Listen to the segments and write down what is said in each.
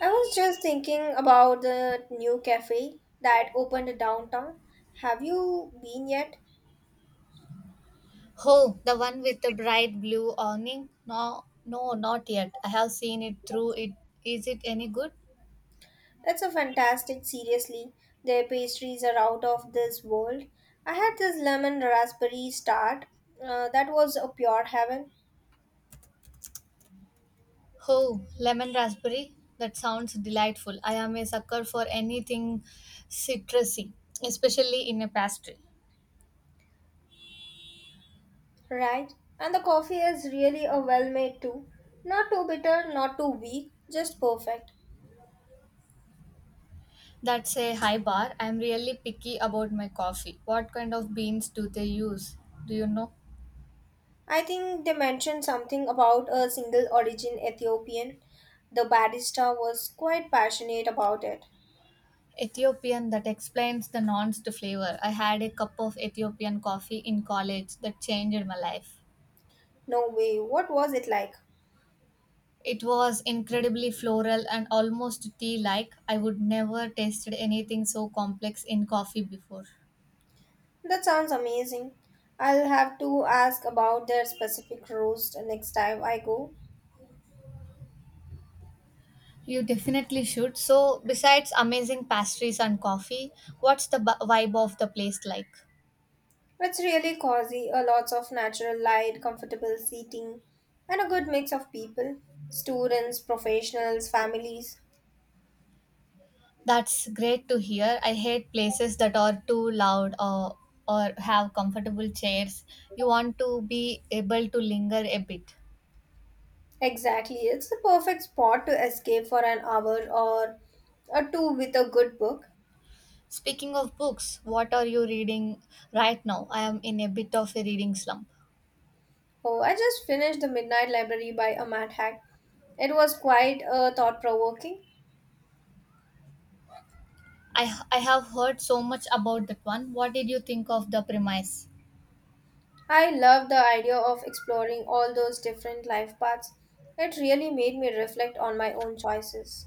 I was just thinking about the new cafe that opened downtown. Have you been yet? Oh, the one with the bright blue awning? No, no, not yet. I have seen it through it. Is it any good? It's a fantastic, seriously. Their pastries are out of this world. I had this lemon raspberry tart that was a pure heaven, Oh, lemon raspberry? That sounds delightful. I am a sucker for anything citrusy, especially in a pastry. right? And the coffee is really a well made too. Not too bitter, not too weak, just perfect. That's a high bar. I'm really picky about my coffee. What kind of beans do they use? Do you know? I think they mentioned something about a single origin Ethiopian. The barista was quite passionate about it. Ethiopian that explains the nuanced flavor. I had a cup of Ethiopian coffee in college that changed my life. No way. What was it like? It was incredibly floral and almost tea like. I would never tasted anything so complex in coffee before. That sounds amazing. I'll have to ask about their specific roast next time I go. You definitely should. So, besides amazing pastries and coffee, what's the vibe of the place like? It's really cozy, a lots of natural light, comfortable seating, and a good mix of people. Students, professionals, families. That's great to hear. I hate places that are too loud or have comfortable chairs. You want to be able to linger a bit. Exactly. It's the perfect spot to escape for an hour or a two with a good book. Speaking of books, what are you reading right now? I am in a bit of a reading slump. Oh, I just finished The Midnight Library by Amat Hack. It was quite thought provoking. I have heard so much about that one. What did you think of the premise? I love the idea of exploring all those different life paths. It really made me reflect on my own choices.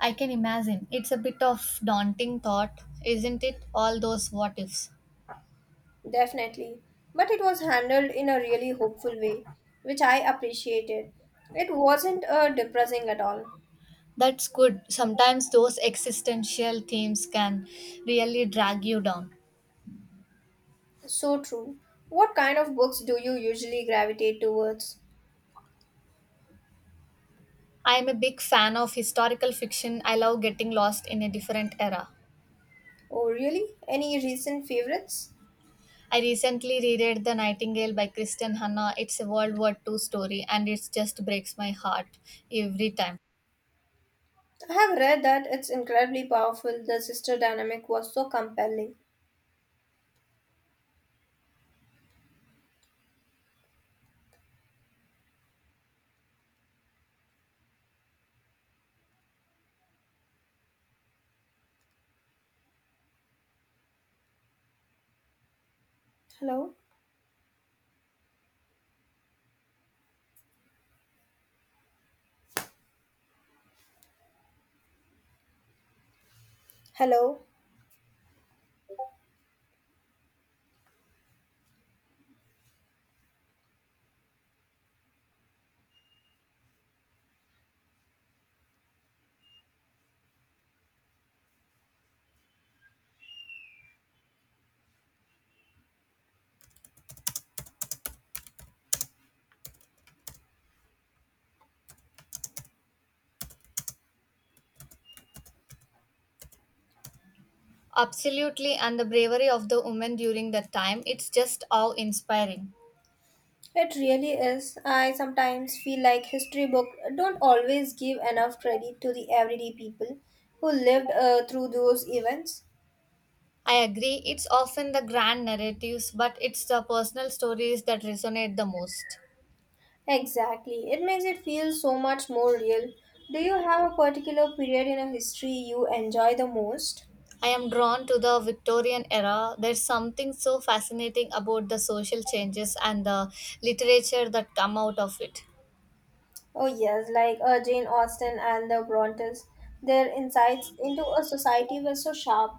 I can imagine. It's a bit of daunting thought, isn't it? All those what ifs. Definitely. But it was handled in a really hopeful way, which I appreciated. It wasn't depressing at all. That's good. Sometimes those existential themes can really drag you down. So true. What kind of books do you usually gravitate towards? I am a big fan of historical fiction. I love getting lost in a different era. Oh, really? Any recent favorites? I recently reread The Nightingale by Kristen Hanna. It's a World War Two story and it just breaks my heart every time. I have read that it's incredibly powerful. The sister dynamic was so compelling. Hello? Hello? Absolutely, and the bravery of the women during that time, it's just awe inspiring. It really is. I sometimes feel like history books don't always give enough credit to the everyday people who lived through those events. I agree, it's often the grand narratives, but it's the personal stories that resonate the most. Exactly. It makes it feel so much more real. Do you have a particular period in a history you enjoy the most? I am drawn to the Victorian era. There's something so fascinating about the social changes and the literature that come out of it. Oh yes, like Jane Austen and the Brontes. Their insights into a society were so sharp.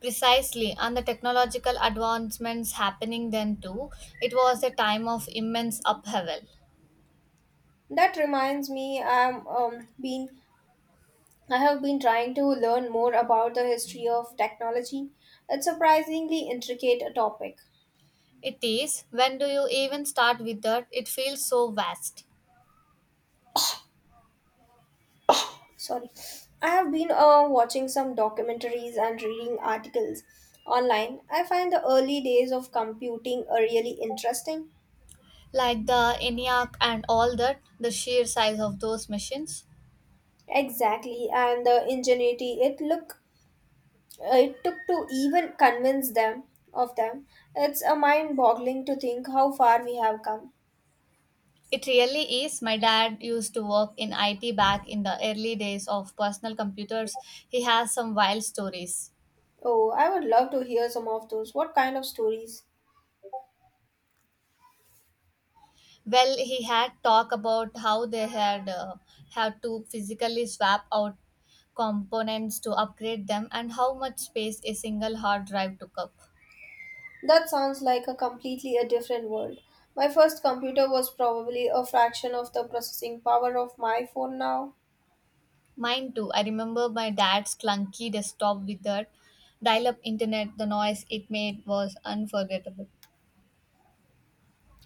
Precisely, and the technological advancements happening then too. It was a time of immense upheaval. That reminds me, I have been trying to learn more about the history of technology. It's surprisingly intricate a topic. It is. When do you even start with that? It feels so vast. Sorry. I have been watching some documentaries and reading articles online. I find the early days of computing are really interesting. Like the ENIAC and all that, the sheer size of those machines. Exactly, and the ingenuity it took to even convince them of them. It's a mind-boggling to think how far we have come. It really is. My dad used to work in IT back in the early days of personal computers. He has some wild stories. Oh, I would love to hear some of those. What kind of stories? Well, he had talk about how they had had to physically swap out components to upgrade them and how much space a single hard drive took up. That sounds like a completely a different world. My first computer was probably a fraction of the processing power of my phone now. Mine too. I remember my dad's clunky desktop with that dial up internet. The noise it made was unforgettable.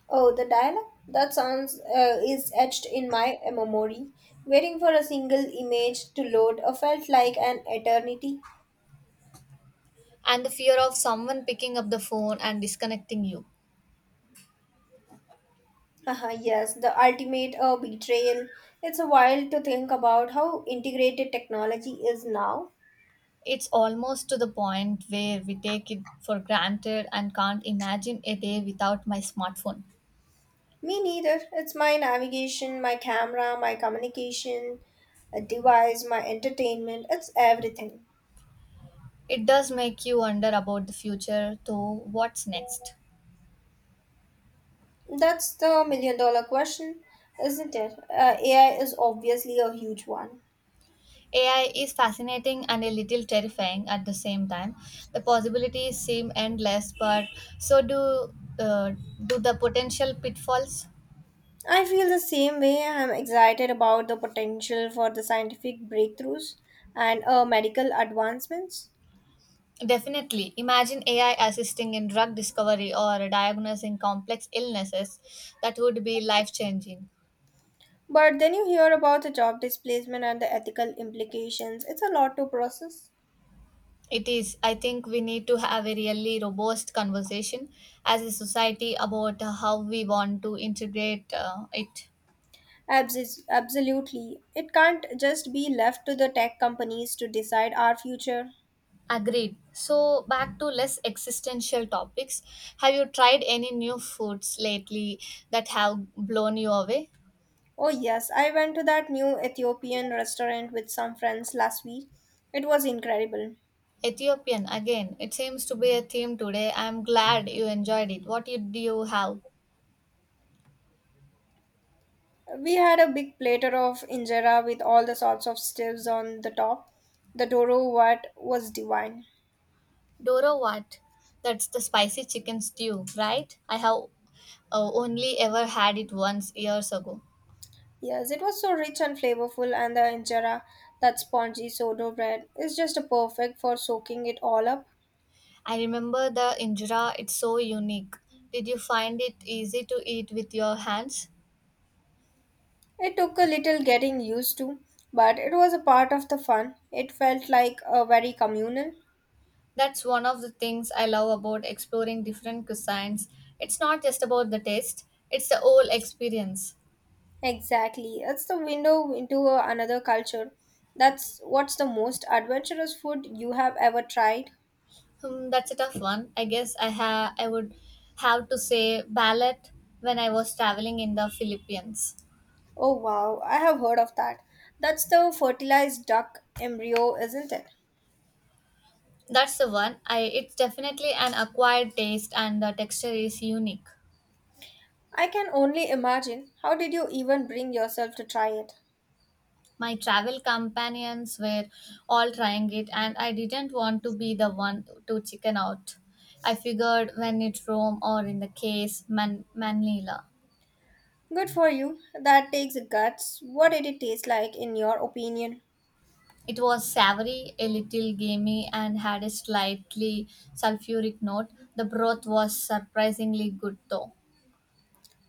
Oh, the dial-up? That sounds is etched in my memory. Waiting for a single image to load felt like an eternity. And the fear of someone picking up the phone and disconnecting you. Haha, yes, the ultimate betrayal. It's a while to think about how integrated technology is now. It's almost to the point where we take it for granted and can't imagine a day without my smartphone. Me neither. It's my navigation, my camera, my communication, a device, my entertainment. It's everything. It does make you wonder about the future, though, what's next? That's the million dollar question, isn't it? AI is obviously a huge one. AI is fascinating and a little terrifying at the same time. The possibilities seem endless, but so do uh, do the potential pitfalls. I feel the same way. I'm excited about the potential for the scientific breakthroughs and medical advancements. Definitely. Imagine AI assisting in drug discovery or diagnosing complex illnesses. That would be life changing. But then you hear about the job displacement and the ethical implications. It's a lot to process. It is. I think we need to have a really robust conversation as a society about how we want to integrate it. Absolutely. It can't just be left to the tech companies to decide our future. Agreed. So, back to less existential topics. Have you tried any new foods lately that have blown you away? Oh, yes, I went to that new Ethiopian restaurant with some friends last week. It was incredible. Ethiopian, again, it seems to be a theme today. I'm glad you enjoyed it. Do you have? We had a big platter of injera with all the sorts of stews on the top. The doro wat was divine. Doro what? That's the spicy chicken stew, right? I have only ever had it once years ago. Yes, it was so rich and flavorful, and the injera, that spongy sourdough bread, is just perfect for soaking it all up. I remember the injera, it's so unique. Did you find it easy to eat with your hands? It took a little getting used to, but it was a part of the fun. It felt like a very communal. That's one of the things I love about exploring different cuisines. It's not just about the taste, it's the whole experience. Exactly. It's the window another culture. That's what's the most adventurous food you have ever tried? Hmm, that's a tough one. I would have to say ballet when I was traveling in the Philippines. Oh wow, I have heard of that. That's the fertilized duck embryo, isn't it? That's the one. I it's definitely an acquired taste and the texture is unique. I can only imagine. How did you even bring yourself to try it? My travel companions were all trying it, and I didn't want to be the one to chicken out. I figured when it rome, or in the case manila. Good for you. That takes guts. What did it taste like in your opinion? It was savory, a little gamey, and had a slightly sulfuric note. The broth was surprisingly good though.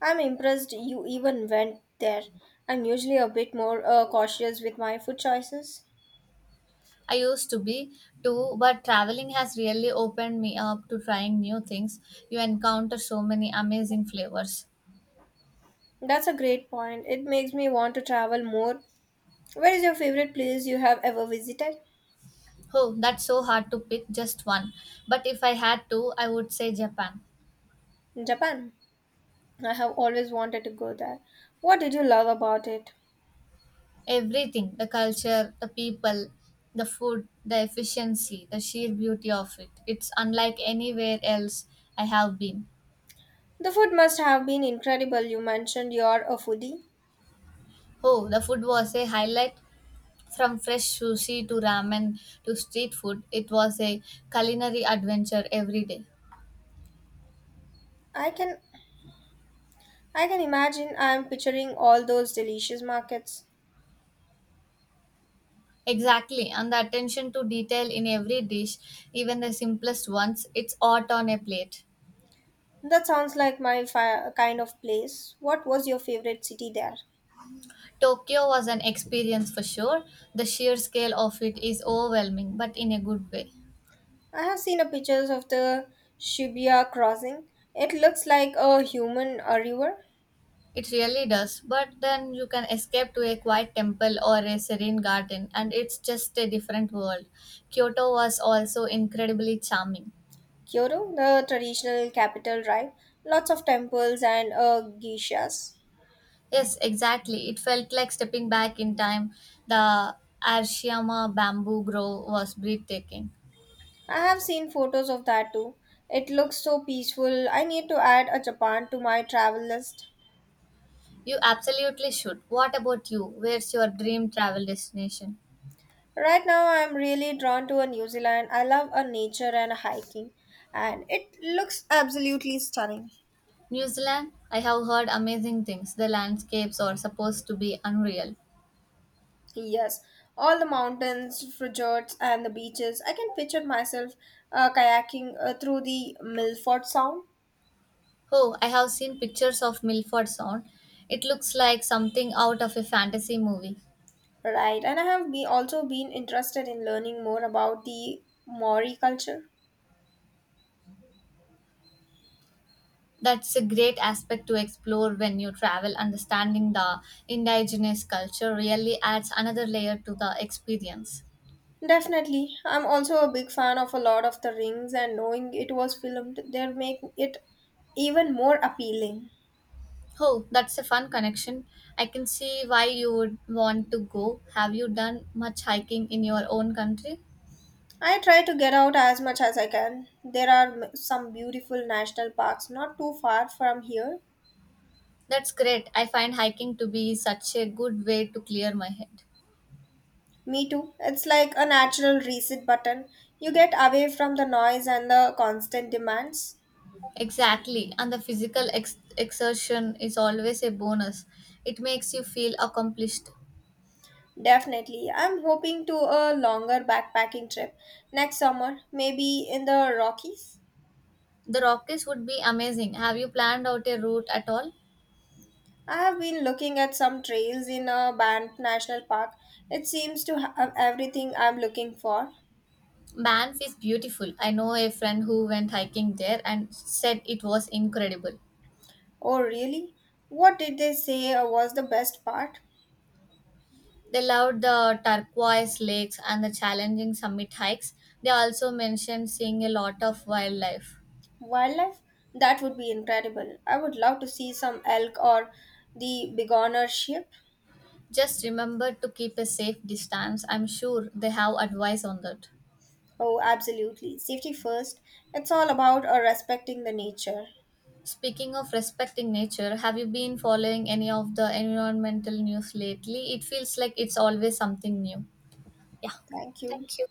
I'm impressed you even went there. I'm usually a bit more cautious with my food choices. I used to be too, but traveling has really opened me up to trying new things. You encounter so many amazing flavors. That's a great point. It makes me want to travel more. Where is your favorite place you have ever visited? Oh, that's so hard to pick just one. But if I had to, I would say Japan. Japan. I have always wanted to go there. What did you love about it? Everything the culture, the people, the food, the efficiency, the sheer beauty of it. It's unlike anywhere else I have been. The food must have been incredible. You mentioned you're a foodie. Oh, the food was a highlight. From fresh sushi to ramen to street food, it was a culinary adventure every day. I can I can imagine I'm picturing all those delicious markets. Exactly, and the attention to detail in every dish, even the simplest ones, it's art on a plate. That sounds like kind of place. What was your favorite city there? Tokyo was an experience for sure. The sheer scale of it is overwhelming, but in a good way. I have seen a pictures of the Shibuya crossing. It looks like a human river. It really does. But then you can escape to a quiet temple or a serene garden, and it's just a different world. Kyoto was also incredibly charming. Kyoto, the traditional capital, right? Lots of temples and geishas. Yes, exactly. It felt like stepping back in time. The Arashiyama bamboo grove was breathtaking. I have seen photos of that too. It looks so peaceful. I need to add a Japan to my travel list. You absolutely should. What about you? Where's your dream travel destination? Right now, I'm really drawn to a New Zealand. I love a nature and a hiking, and it looks absolutely stunning. New Zealand, I have heard amazing things. The landscapes are supposed to be unreal. Yes, all the mountains, fjords, and the beaches. I can picture myself kayaking through the Milford Sound. Oh, I have seen pictures of Milford Sound. It looks like something out of a fantasy movie. Right, and I have be also been interested in learning more about the Maori culture. That's a great aspect to explore when you travel. Understanding the indigenous culture really adds another layer to the experience. Definitely, I'm also a big fan of a lot of the rings, and knowing it was filmed there make it even more appealing. Oh, that's a fun connection. I can see why you would want to go. Have you done much hiking in your own country? I try to get out as much as I can. There are some beautiful national parks not too far from here. That's great. I find hiking to be such a good way to clear my head. Me too. It's like a natural reset button. You get away from the noise and the constant demands. Exactly. And the physical exertion is always a bonus. It makes you feel accomplished. Definitely. I'm hoping to a longer backpacking trip next summer, maybe in the Rockies. The Rockies would be amazing. Have you planned out a route at all? I have been looking at some trails in a Banff National Park. It seems to have everything I'm looking for. Banff is beautiful. I know a friend who went hiking there and said it was incredible. Oh, really? What did they say was the best part? They loved the turquoise lakes and the challenging summit hikes. They also mentioned seeing a lot of wildlife. Wildlife? That would be incredible. I would love to see some elk or the begoner sheep. Just remember to keep a safe distance. I'm sure they have advice on that. Oh, absolutely. Safety first. It's all about respecting the nature. Speaking of respecting nature, have you been following any of the environmental news lately? It feels like it's always something new. Yeah, Thank you. thank you.